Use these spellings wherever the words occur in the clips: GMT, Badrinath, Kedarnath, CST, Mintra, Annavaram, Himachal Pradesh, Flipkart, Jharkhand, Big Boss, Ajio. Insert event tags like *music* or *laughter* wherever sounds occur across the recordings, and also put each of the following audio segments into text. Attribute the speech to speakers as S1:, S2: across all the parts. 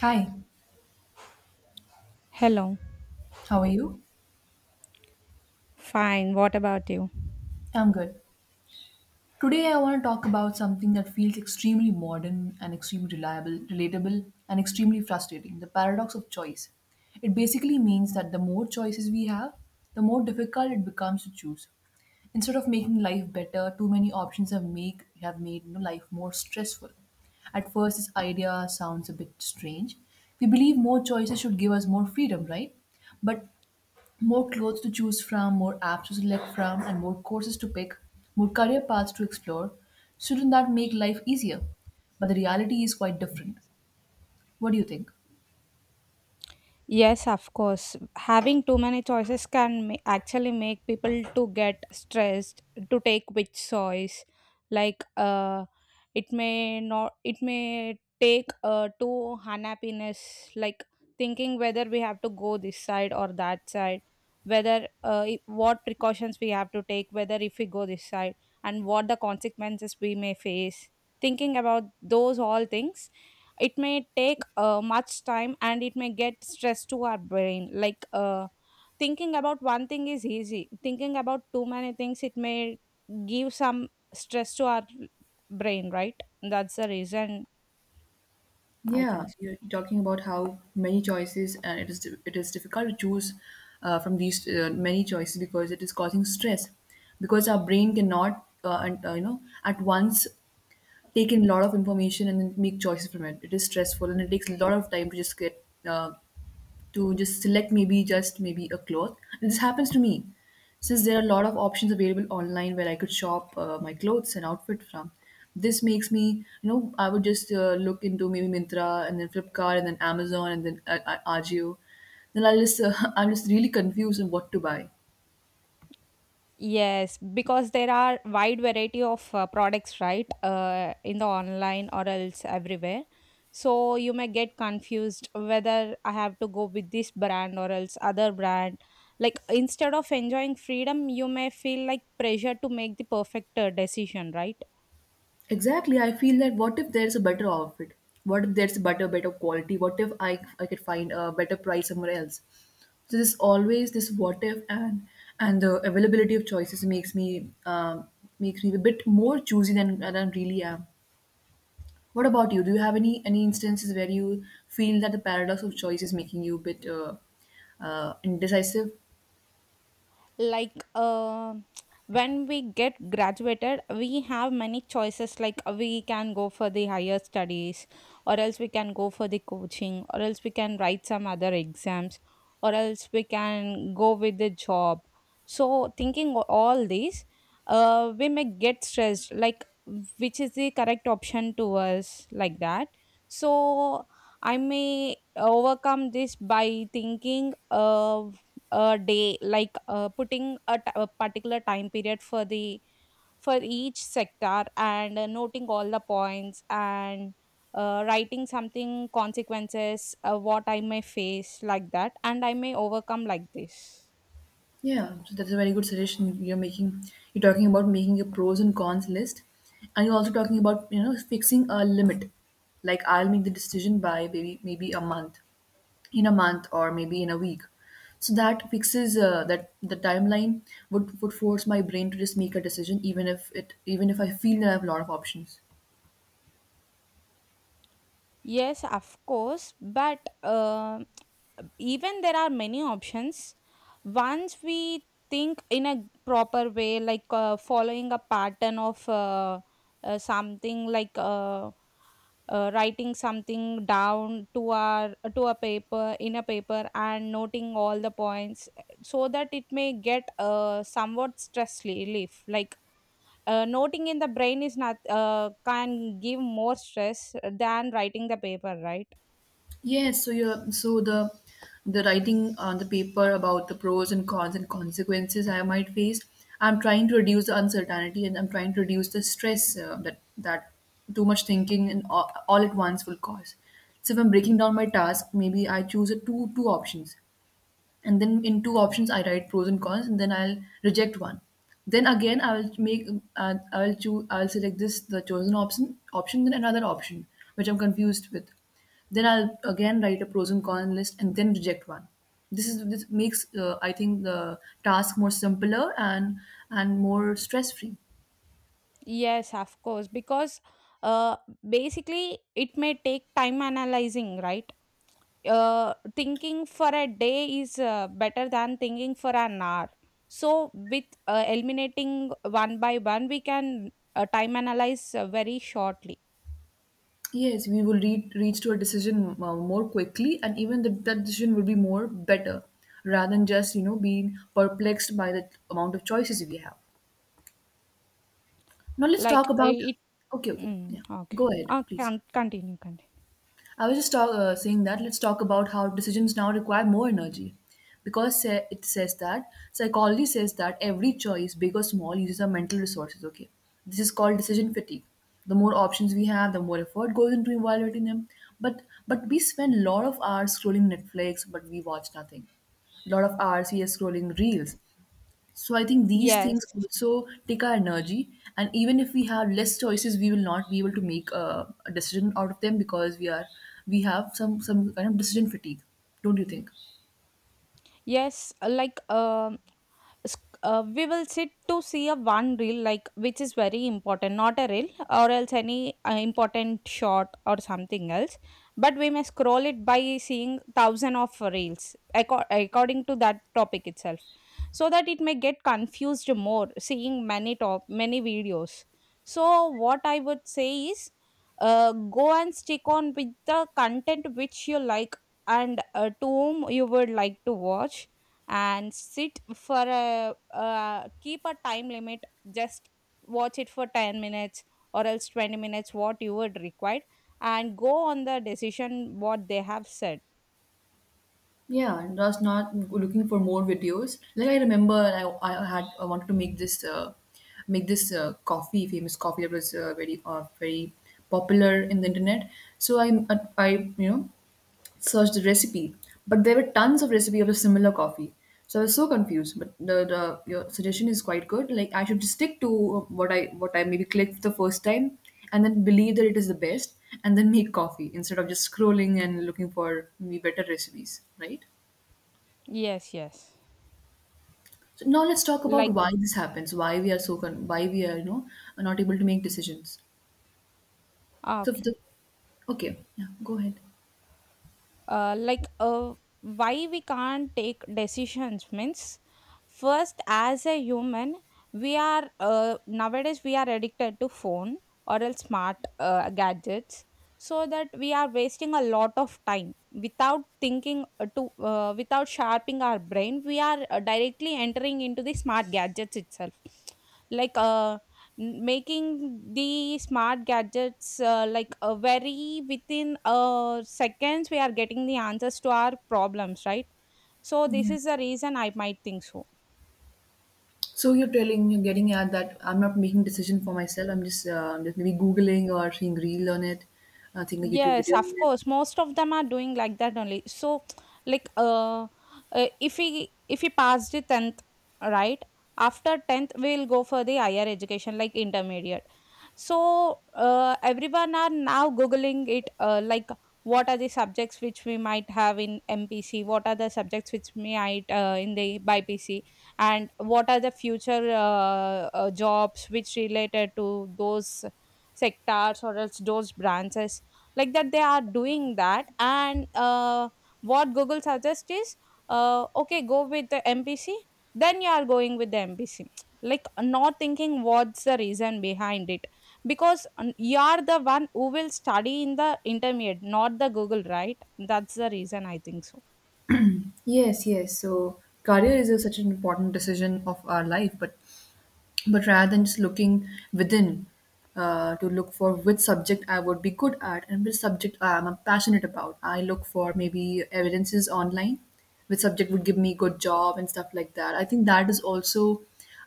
S1: Hi,
S2: Hello.
S1: how are you?
S2: Fine. What about you?
S1: I'm good. Today I want to talk about something that feels extremely modern and extremely relatable and extremely frustrating, the paradox of choice. It basically means that the more choices we have, the more difficult it becomes to choose. Instead of making life better, too many options have made life more stressful. At first, this idea sounds a bit strange. We believe more choices should give us more freedom, right? But more clothes to choose from, more apps to select from, and more courses to pick, more career paths to explore, shouldn't that make life easier? But the reality is quite different. What do you think?
S2: Yes, of course. Having too many choices can actually make people to get stressed to take which choice. Like it may not it may take to unhappiness, like thinking whether we have to go this side or that side, whether what precautions we have to take, whether if we go this side and what the consequences we may face, thinking about those all things. It may take much time, and it may get stress to our brain, like thinking about one thing is easy, thinking about too many things, it may give some stress to our brain, right? That's the reason, I
S1: Yeah,
S2: think so.
S1: you're talking about how many choices, and it is difficult to choose from these many choices because it is causing stress. Because our brain cannot, at once take in a lot of information and then make choices from it. It is stressful, and it takes a lot of time to just select maybe just maybe a cloth. And this happens to me since there are a lot of options available online where I could shop my clothes and outfit from. This makes me, I would just look into maybe Mintra and then Flipkart and then Amazon and then Ajio. Then I'll just, *laughs* I'm just really confused on what to buy.
S2: Yes, because there are wide variety of products, right? In the online or else everywhere. So you may get confused whether I have to go with this brand or else other brand. Like, instead of enjoying freedom, you may feel like pressure to make the perfect decision, right?
S1: Exactly, I feel that what if there's a better outfit? What if there's a better quality? What if I could find a better price somewhere else? So this always this what if and the availability of choices makes me a bit more choosy than I really am. What about you? Do you have any instances where you feel that the paradox of choice is making you a bit indecisive?
S2: Like when we get graduated, we have many choices, like we can go for the higher studies, or else we can go for the coaching, or else we can write some other exams, or else we can go with the job. So thinking all these, we may get stressed, like which is the correct option to us, like that. So I may overcome this by thinking a day, like putting a particular time period for the for each sector, and noting all the points, and writing something consequences, what I may face, like that, and I may overcome like this.
S1: Yeah, so that's a very good suggestion you're making. You're talking about making a pros and cons list, and you're also talking about fixing a limit. Like I'll make the decision by maybe a month, in a month or maybe in a week. So that fixes that the timeline would force my brain to just make a decision even if I feel that I have a lot of options.
S2: Yes, of course, but even there are many options, once we think in a proper way, like following a pattern of something, like writing something down to our to a paper, in a paper, and noting all the points, so that it may get somewhat stress relief, like noting in the brain is not can give more stress than writing the paper, right?
S1: Yes, so you're so the writing on the paper about the pros and cons and consequences I might face. I'm trying to reduce the uncertainty and I'm trying to reduce the stress that too much thinking and all at once will cause. So if I'm breaking down my task, maybe I choose a two two options and then in two options I write pros and cons and then I'll reject one. Then again I'll make I'll select this the chosen option, then another option which I'm confused with. Then I'll again write a pros and cons list and then reject one. This makes I think the task more simpler, and more stress free.
S2: Yes, of course, because uh, basically it may take time analyzing, right? Thinking for a day is better than thinking for an hour. So, with eliminating one by one, we can time analyze very shortly.
S1: Yes, we will reach to a decision more quickly, and even that decision will be more better, rather than just being perplexed by the amount of choices we have. Now let's
S2: Like
S1: talk about.
S2: it.
S1: Okay, okay,
S2: Mm,
S1: yeah.
S2: okay.
S1: Go ahead, please.
S2: Can continue. Continue.
S1: I was just saying that let's talk about how decisions now require more energy, because it says that psychology says that every choice, big or small, uses our mental resources. Okay, this is called decision fatigue. The more options we have, the more effort goes into evaluating them. But but we spend a lot of hours scrolling Netflix, but we watch nothing. Lot of hours we are scrolling reels, so I think these
S2: Yes.
S1: things also take our energy, and even if we have less choices, we will not be able to make a decision out of them because we have some kind of decision fatigue. Don't you think?
S2: Yes, like we will sit to see a one reel, like which is very important, not a reel or else any important shot or something else. But we may scroll it by seeing thousand of reels, according to that topic itself, so that it may get confused more, seeing many top many videos. So what I would say is, go and stick on with the content which you like, and to whom you would like to watch, and sit for a keep a time limit, just watch it for 10 minutes or else 20 minutes, what you would require, and go on the decision what they have said.
S1: Yeah, and I was not looking for more videos. Like I remember, I wanted to make this coffee famous coffee that was very popular in the internet. So I searched the recipe, but there were tons of recipe of a similar coffee. So I was so confused. But the your suggestion is quite good. Like I should stick to what I maybe clicked the first time, and then believe that it is the best, and then make coffee instead of just scrolling and looking for maybe better recipes, right?
S2: Yes, yes.
S1: So now let's talk about
S2: Like.
S1: why this happens. Why we are so con- why we are not able to make decisions.
S2: Ah,
S1: So
S2: okay.
S1: the. Okay, yeah, go ahead.
S2: Like why we can't take decisions means, first as a human, we are nowadays we are addicted to phone or else smart gadgets, so that we are wasting a lot of time without thinking to without sharpening our brain, we are directly entering into the smart gadgets itself, like making the smart gadgets like a very within seconds we are getting the answers to our problems, right? So this is the reason, I might think so.
S1: So you're getting at that I'm not making decision for myself. I'm just, maybe googling or seeing reel on it, seeing a YouTube
S2: Yes,
S1: video
S2: of
S1: on it.
S2: course. Most of them are doing like that only. So, like, if we pass the tenth, right? After tenth, we'll go for the higher education, like intermediate. So, everyone are now googling it, like what are the subjects which we might have in MPC, what are the subjects which we might in the by PC, and what are the future jobs which related to those sectors or else those branches, like that they are doing that, and what Google suggests is, okay, go with the MPC, then you are going with the MPC, like not thinking what's the reason behind it. Because you are the one who will study in the intermediate, not the Google, right? That's the reason, I think so.
S1: Yes, yes. So career is such an important decision of our life, but rather than just looking within to look for which subject I would be good at and which subject I'm passionate about, I look for maybe evidences online, which subject would give me good job and stuff like that. I think that is also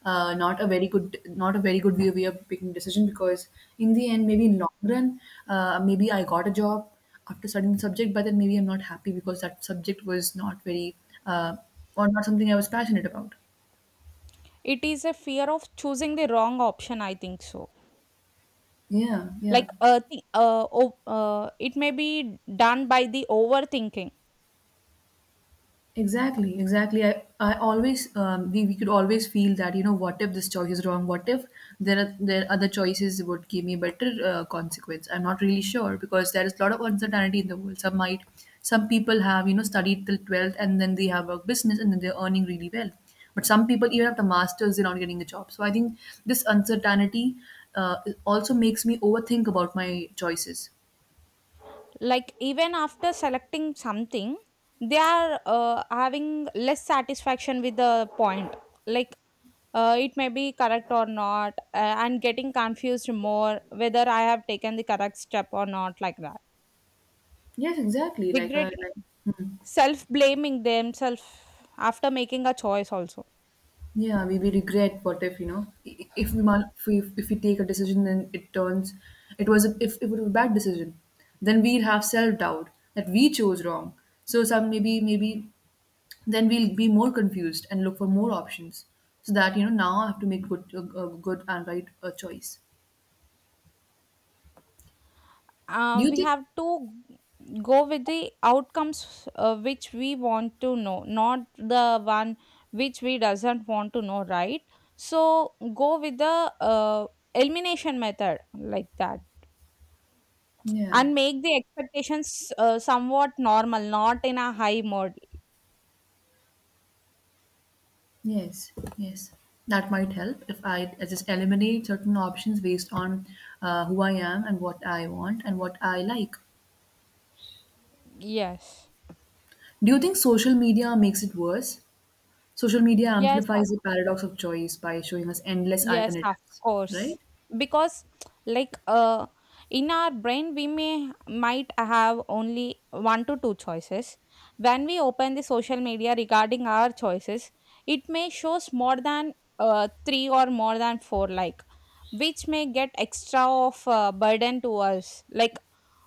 S1: not a very good way of making decision, because in the end maybe in long run maybe I got a job after studying the subject, but then maybe I'm not happy because that subject was not very uh, or not something I was passionate about.
S2: It is a fear of choosing the wrong option, I think so.
S1: Yeah,
S2: Like
S1: yeah.
S2: it may be done by the overthinking.
S1: Exactly, exactly. I always we could always feel that what if this choice is wrong? What if there are other choices would give me better consequence? I'm not really sure because there is a lot of uncertainty in the world. Some people have studied till 12th and then they have a business and then they're earning really well. But some people even after masters they're not getting a job. So I think this uncertainty uh, also makes me overthink about my choices.
S2: Like even after selecting something, they are having less satisfaction with the point, like it may be correct or not, and getting confused more, whether I have taken the correct step or not, like that.
S1: Yes, exactly. Like I like.
S2: Regretting, self blaming themselves after making a choice also.
S1: Yeah, we will regret what if, if we, mal- if we take a decision, and it turns, it was if it was a bad decision, then we'll have self doubt that we chose wrong. So some maybe then we'll be more confused and look for more options so that now I have to make good a good and right a choice. Do you
S2: We
S1: think?
S2: have to go with the outcomes which we want to know, not the one which we doesn't want to know, right? So go with the elimination method, like that,
S1: Yeah.
S2: and make the expectations somewhat normal, not in a high mode.
S1: Yes. Yes. That might help if I just eliminate certain options based on who I am and what I want and what I like.
S2: Yes.
S1: Do you think social media makes it worse? Social media
S2: Yes.
S1: amplifies the paradox of choice by showing us endless
S2: Yes, of
S1: alternatives, right?
S2: course. Because like in our brain we may might have only one to two choices. When we open the social media regarding our choices, it may shows more than three or more than four, like which may get extra of burden to us, like,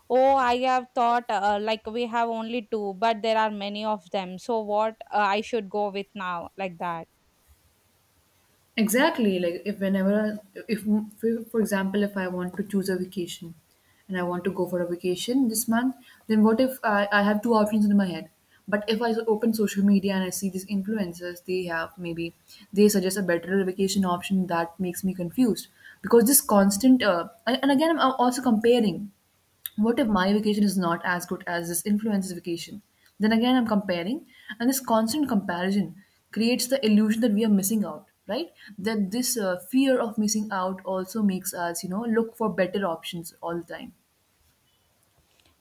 S2: oh, I have thought, like we have only two, but there are many of them, so what I should go with now, like that.
S1: Exactly. Like if whenever, if- for example, if I want to choose a vacation, and I want to go for a vacation this month, then what if I have two options in my head? But if I open social media and I see these influencers, they have maybe they suggest a better vacation option that makes me confused because this constant and again I'm also comparing, what if my vacation is not as good as this influencer's vacation? Then again, I'm comparing, and this constant comparison creates the illusion that we are missing out, right? That this fear of missing out also makes us, look for better options all the time.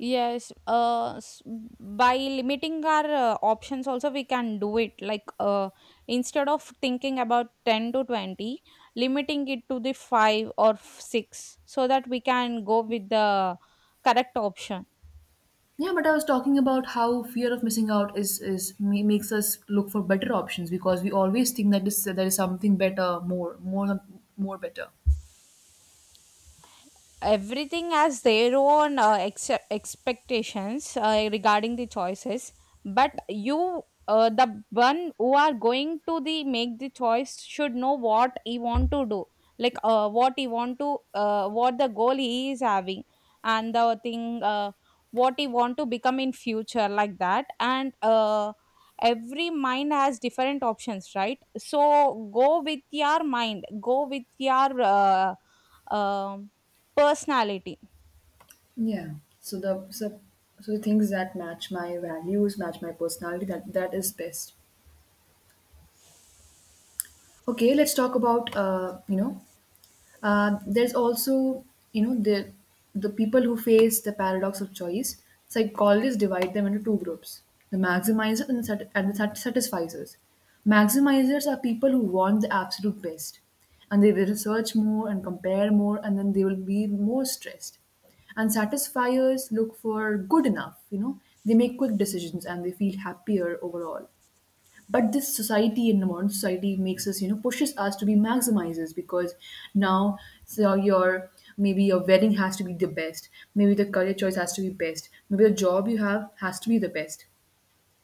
S2: Yes, by limiting our options, also we can do it. Like, instead of thinking about 10 to 20, limiting it to the 5 or 6, so that we can go with the correct option.
S1: Yeah, but I was talking about how fear of missing out makes us look for better options because we always think that this there is something better, more better.
S2: Everything has their own expectations regarding the choices, but you, the one who are going to the make the choice should know what he want to do, like what he want to what the goal he is having, and the thing, what he want to become in future, like that, and every mind has different options, right? So go with your mind, go with your um personality.
S1: Yeah. So the so, so the things that match my values, match my personality, that is best. Okay, let's talk about there's also you know the the people who face the paradox of choice. Psychologists divide them into two groups: the maximizers and satisficers. Maximizers are people who want the absolute best, and they will research more and compare more, and then they will be more stressed. And satisfiers look for good enough. You know, they make quick decisions and they feel happier overall, but this society and modern society makes us you know pushes us to be maximizers because now, so your, maybe your wedding has to be the best, maybe the career choice has to be best, maybe the job you have has to be the best,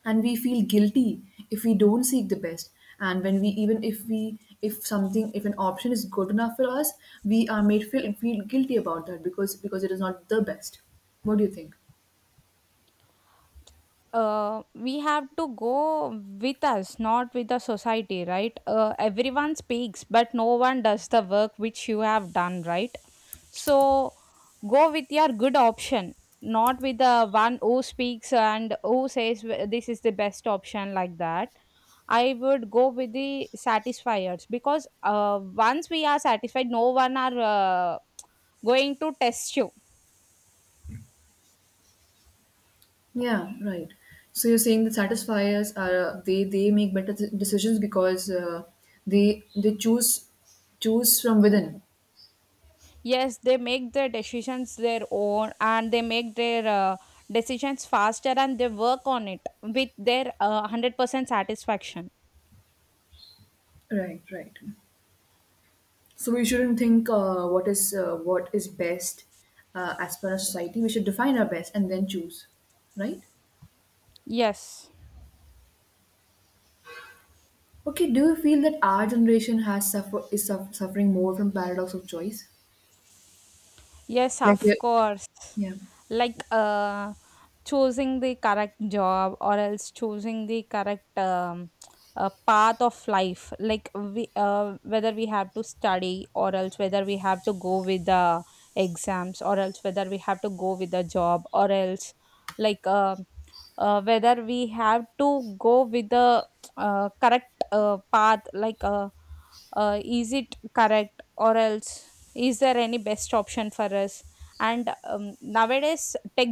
S1: and we feel guilty if we don't seek the best. And when we, even if we, if something, if an option is good enough for us, we are made feel guilty about that because it is not the best. What do you think?
S2: We have to go with us, not with the society, right? Everyone speaks, but no one does the work which you have done, right? So go with your good option, not with the one who speaks and who says, This is the best option," like that. I would go with the satisfiers, because once we are satisfied, no one are going to test you.
S1: Yeah, right. So you're saying the satisfiers are they make better decisions because they choose choose from within.
S2: Yes, they make their decisions their own, and they make their decisions faster, and they work on it with their 100% satisfaction.
S1: Right, right. So we shouldn't think what is best as per our society. We should define our best and then choose. Right.
S2: Yes.
S1: Okay. Do you feel that our generation has suffering more from paradox of choice?
S2: Yes,
S1: Like,
S2: of
S1: we-
S2: course.
S1: yeah.
S2: Like choosing the correct job or else choosing the correct path of life. Like we, whether we have to study or else whether we have to go with the exams or else whether we have to go with the job or else, like whether we have to go with the correct path. Like is it correct or else is there any best option for us. And nowadays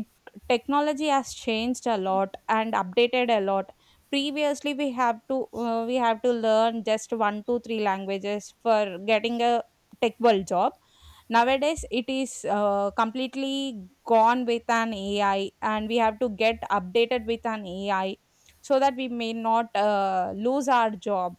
S2: technology has changed a lot and updated a lot. Previously we have to learn just 1, 2, 3 languages for getting a tech world job. Nowadays it is completely gone with an AI, and we have to get updated with an AI so that we may not lose our job.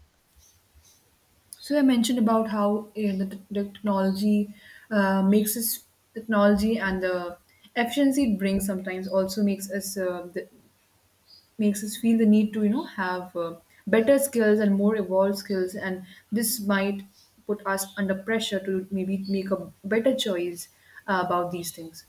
S1: So I mentioned about how the technology makes us, technology and the efficiency it brings sometimes also makes us the, makes us feel the need to have better skills and more evolved skills, and this might put us under pressure to maybe make a better choice about these things.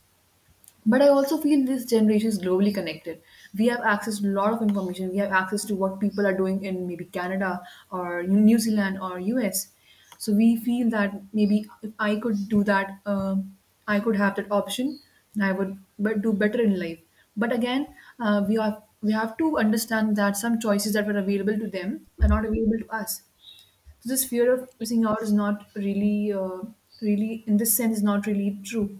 S1: But I also feel this generation is globally connected. We have access to a lot of information. We have access to what people are doing in maybe Canada or New Zealand or US. So we feel that maybe if I could do that, I could have that option and I would do better in life. But again, we have to understand that some choices that were available to them are not available to us. So this fear of missing out is not really, in this sense, not really true.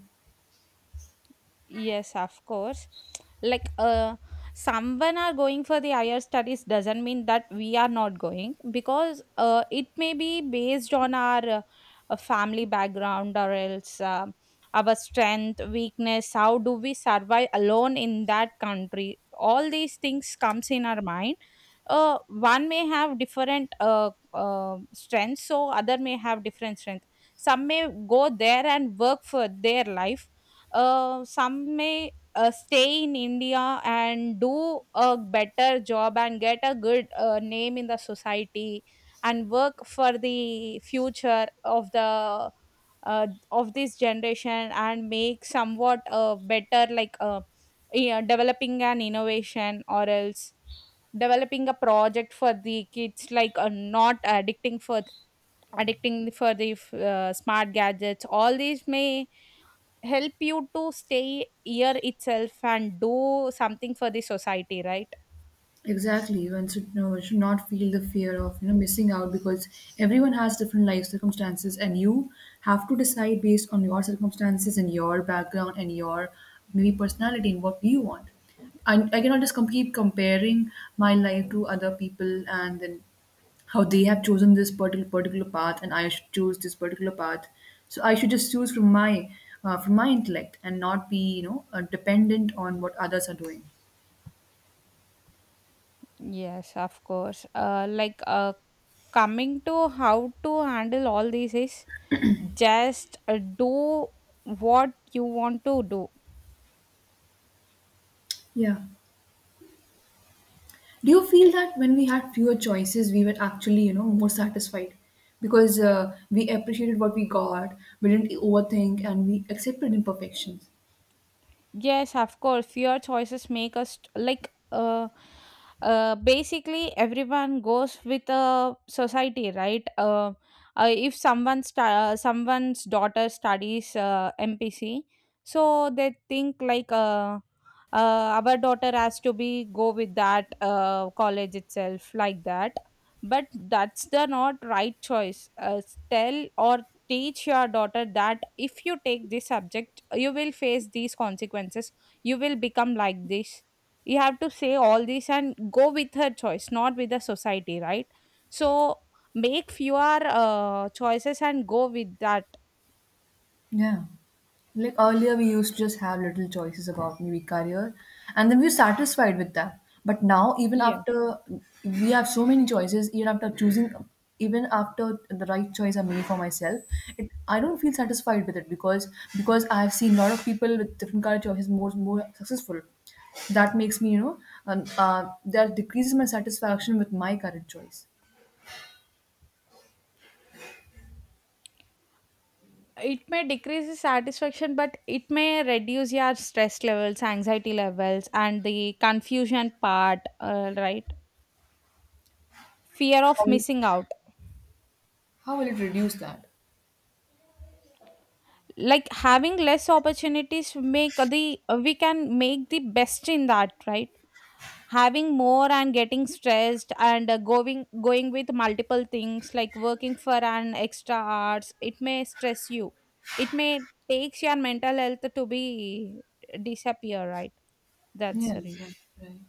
S2: Yes, of course. Like someone are going for the higher studies doesn't mean that we are not going, because it may be based on our family background, or else our strength, weakness, how do we survive alone in that country? All these things comes in our mind. One may have different strengths, so other may have different strength. Some may go there and work for their life. Some may stay in India and do a better job and get a good name in the society, and work for the future of the of this generation, and make somewhat better, like yeah, developing an innovation or else developing a project for the kids, like not addicting for the smart gadgets. All these may help you to stay here itself and do something for the society, right?
S1: Exactly. One should, should not feel the fear of missing out because everyone has different life circumstances, and you have to decide based on your circumstances and your background and your maybe personality and what you want. I cannot just keep comparing my life to other people and then how they have chosen this particular path and I should choose this particular path. So I should just choose from my intellect and not be dependent on what others are doing.
S2: Yes, of course. Like coming to how to handle all this is, just do what you want to do.
S1: Yeah. Do you feel that when we had fewer choices, we were actually, you know, more satisfied because we appreciated what we got, we didn't overthink, and we accepted imperfections?
S2: Yes, of course. Fear choices make us like basically everyone goes with a society, right? If someone's daughter studies MPC, so they think like our daughter has to be go with that college itself, like that. But that's the not right choice. Tell or teach your daughter that if you take this subject, you will face these consequences, you will become like this. You have to say all this and go with her choice, not with the society, right? So make fewer choices and go with that.
S1: Yeah. Like earlier, we used to just have little choices about maybe career, and then we were satisfied with that. But now, even
S2: Yeah,
S1: after we have so many choices, even after choosing, even after the right choice I made for myself, I don't feel satisfied with it because I have seen a lot of people with different career choices more successful. That makes me, you know, and that decreases my satisfaction with my current choice.
S2: it may decrease the satisfaction, but it may reduce your stress levels, anxiety levels, and the confusion part, right? Fear
S1: How
S2: of
S1: will,
S2: missing out.
S1: how will it reduce that?
S2: Like having less opportunities, make the we can make the best in that, right? Having more and getting stressed, and going with multiple things, like working for an extra hours, it may stress you. It may takes your mental health to be disappear, right? That's
S1: Yeah,
S2: the
S1: yeah,
S2: reason.
S1: right.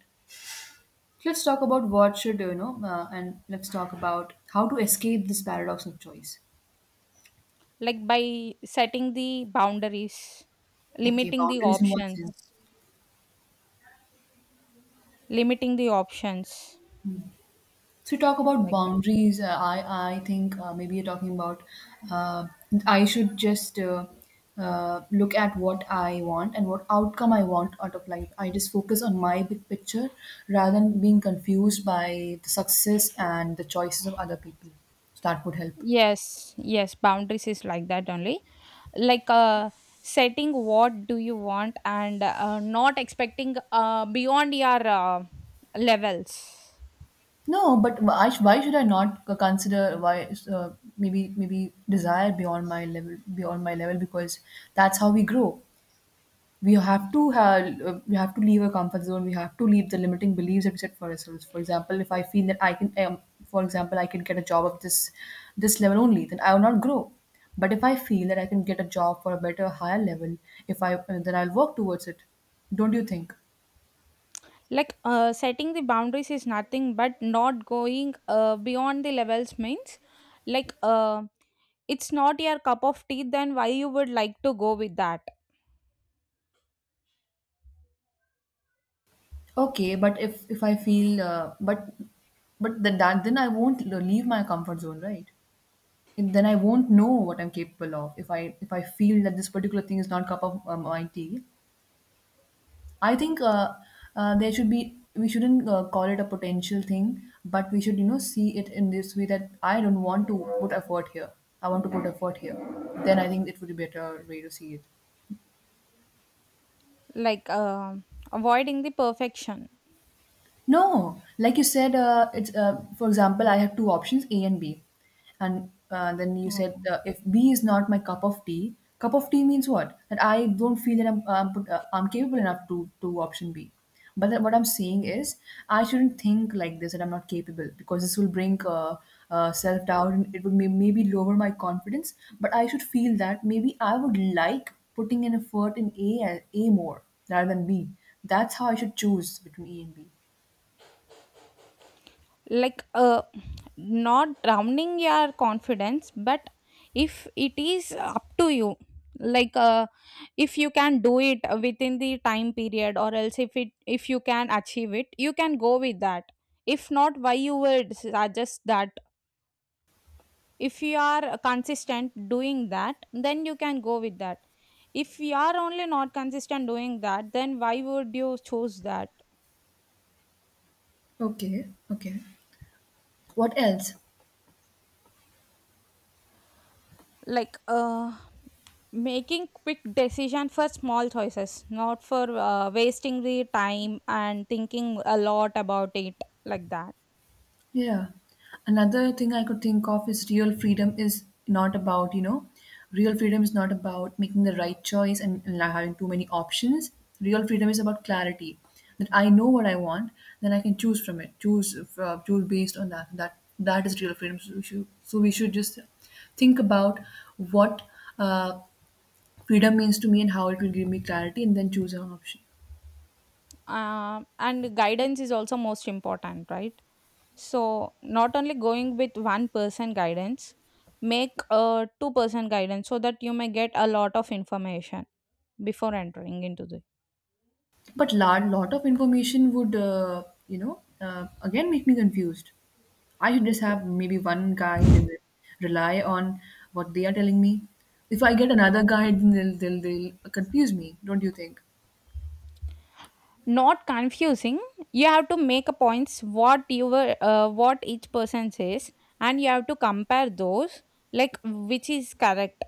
S1: Let's talk about what should you know, and let's talk about how to escape this paradox of choice.
S2: Like by setting the boundaries,
S1: Okay,
S2: limiting the
S1: boundaries in what
S2: options.
S1: sense?
S2: Limiting the options.
S1: So, talk about
S2: Like that.
S1: boundaries. I think maybe you're talking about uh, I should just look at what I want and what outcome I want out of life. I just focus on my big picture rather than being confused by the success and the choices of other people. So that would help.
S2: Yes, yes, boundaries is like that only. like uh, setting what do you want, and not expecting beyond your levels.
S1: No, but why should I not consider why maybe desire beyond my level beyond my level, because that's how we grow. We have to leave our comfort zone. We have to leave the limiting beliefs that we set for ourselves. For example, if I feel that I can, for example, I can get a job of this level only, then I will not grow. But if I feel that I can get a job for a better higher level, if I then I'll work towards it. Don't you think?
S2: Setting the boundaries is nothing but not going beyond the levels means like uh, it's not your cup of tea, then why you would like to go with that.
S1: Okay, but if I feel, but then that, then I won't leave my comfort zone, right? And then I won't know what I'm capable of. If I feel that this particular thing is not cup of my tea, I think there should be, we shouldn't call it a potential thing, but we should see it in this way, that I don't want to put effort here. I want to put effort here. Then I think it would be a better way to see it.
S2: like uh, avoiding the perfection.
S1: No, like you said, it's for example, I have two options, A and B, and then you said,
S2: Okay.
S1: if B is not my cup of tea means what? That I don't feel that I'm capable enough to option B. But then what I'm saying is, I shouldn't think like this, that I'm not capable, because this will bring self doubt and it would maybe lower my confidence. But I should feel that maybe I would like putting an effort in A more rather than B. That's how I should choose between A and B.
S2: like uh, not drowning your confidence, but if it is up to you, like uh, if you can do it within the time period, or else if it if you can achieve it, you can go with that. If not, why you would suggest that? If you are consistent doing that, then you can go with that. If you are only not consistent doing that, then why would you choose that?
S1: Okay, okay. What else?
S2: like uh making quick decision for small choices, not for wasting the time and thinking a lot about it, like that.
S1: Yeah. Another thing I could think of is real freedom is not about, you know, real freedom is not about making the right choice and not having too many options. Real freedom is about clarity. That I know what I want, then I can choose from it. Choose choose based on that. That is real freedom. So we should just think about what uh, freedom means to me and how it will give me clarity, and then choose an option.
S2: Um, and guidance is also most important, right? So not only going with one person guidance, make a two-person guidance so that you may get a lot of information before entering into this.
S1: But lot of information would again make me confused. I should just have maybe one guide and then rely on what they are telling me. If I get another guide, then they'll confuse me, don't you think?
S2: Not confusing. You have to make a points what you were what each person says, and you have to compare those, like which is correct.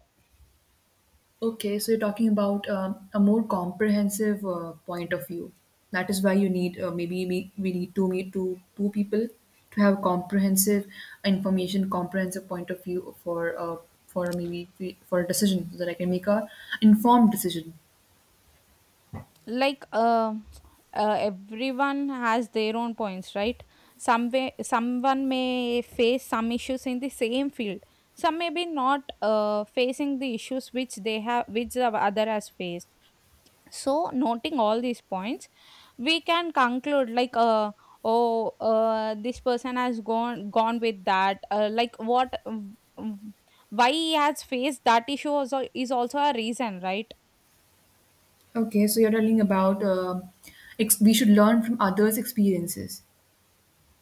S1: Okay, so you're talking about a more comprehensive point of view. That is why you need maybe we need to meet two people to have comprehensive information, comprehensive point of view for maybe for a decision, so that I can make a informed decision.
S2: like uh, everyone has their own points, right? Some way, someone may face some issues in the same field. Some may be not facing the issues which they have, which the other has faced. So noting all these points, we can conclude oh, this person has gone with that like what, mm, why he has faced that issue also is also a reason, right?
S1: Okay, so you're telling about we should learn from others' experiences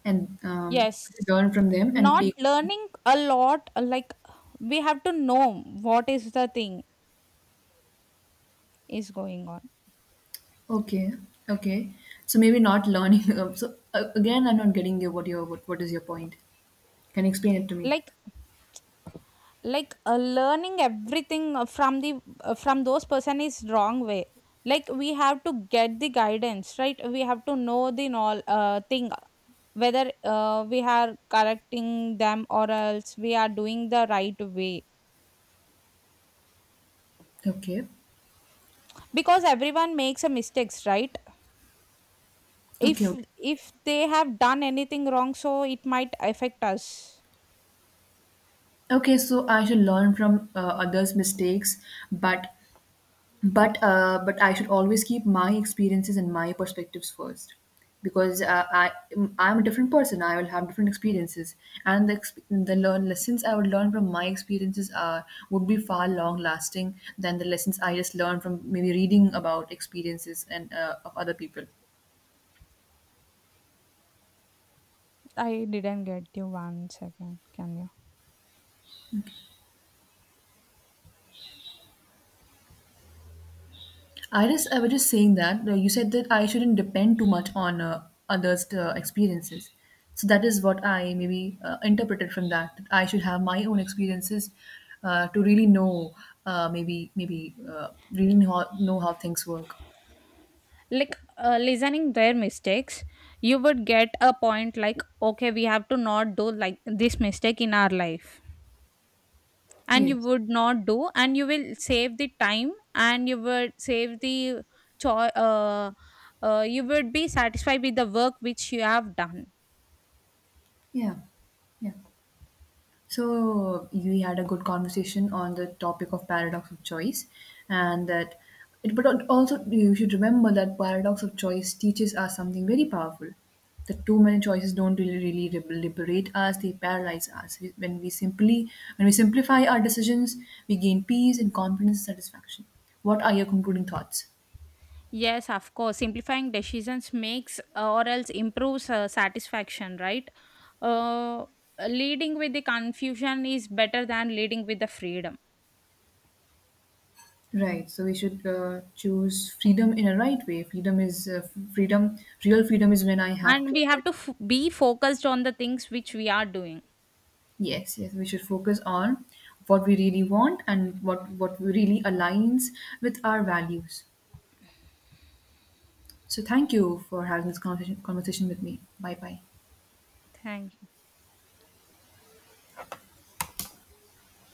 S1: and
S2: Yes.
S1: learn from them and
S2: Not
S1: take.
S2: learning a lot, like we have to know what is the thing is going on.
S1: Okay, okay. So maybe not learning. *laughs* So again, I'm not getting you. What is your point? Can you explain it to me?
S2: Like learning everything from the from those person is wrong way. Like we have to get the guidance, right? We have to know the all thing, whether we are correcting them, or else we are doing the right way.
S1: Okay,
S2: Because everyone makes a mistakes, right?
S1: okay,
S2: if
S1: okay.
S2: if they have done anything wrong, so it might affect us.
S1: Okay, so I should learn from others' mistakes, but I should always keep my experiences and my perspectives first because I'm a different person. I will have different experiences, and the exp- the learn lessons I would learn from my experiences are would be far long lasting than the lessons I just learned from maybe reading about experiences and of other people.
S2: I didn't get you. One second, can you?
S1: I was just saying that you said that I shouldn't depend too much on others' experiences. So that is what I maybe interpreted from that, that I should have my own experiences to really know maybe maybe really know how things work.
S2: Listening their mistakes, you would get a point like, okay, we have to not do like this mistake in our life, and you
S1: Yes.
S2: would not do, and you will save the time, and you would save the cho- uh, you would be satisfied with the work which you have done.
S1: Yeah. Yeah. So we had a good conversation on the topic of paradox of choice, and that it. But also, you should remember that paradox of choice teaches us something very powerful. That too many choices don't really liberate us; they paralyze us. When we simply, when we simplify our decisions, we gain peace and confidence, and satisfaction. What are your concluding thoughts?
S2: Yes, of course, simplifying decisions makes or else improves satisfaction, right? uh, leading with the confusion is better than leading with the freedom.
S1: Right. So we should choose freedom in a right way. Freedom is freedom. Real freedom is when I have
S2: And we have
S1: clarity.
S2: to be focused on the things which we are doing.
S1: Yes, yes, we should focus on what we really want and what really aligns with our values. So thank you for having this conversation with me. Bye bye.
S2: Thank you.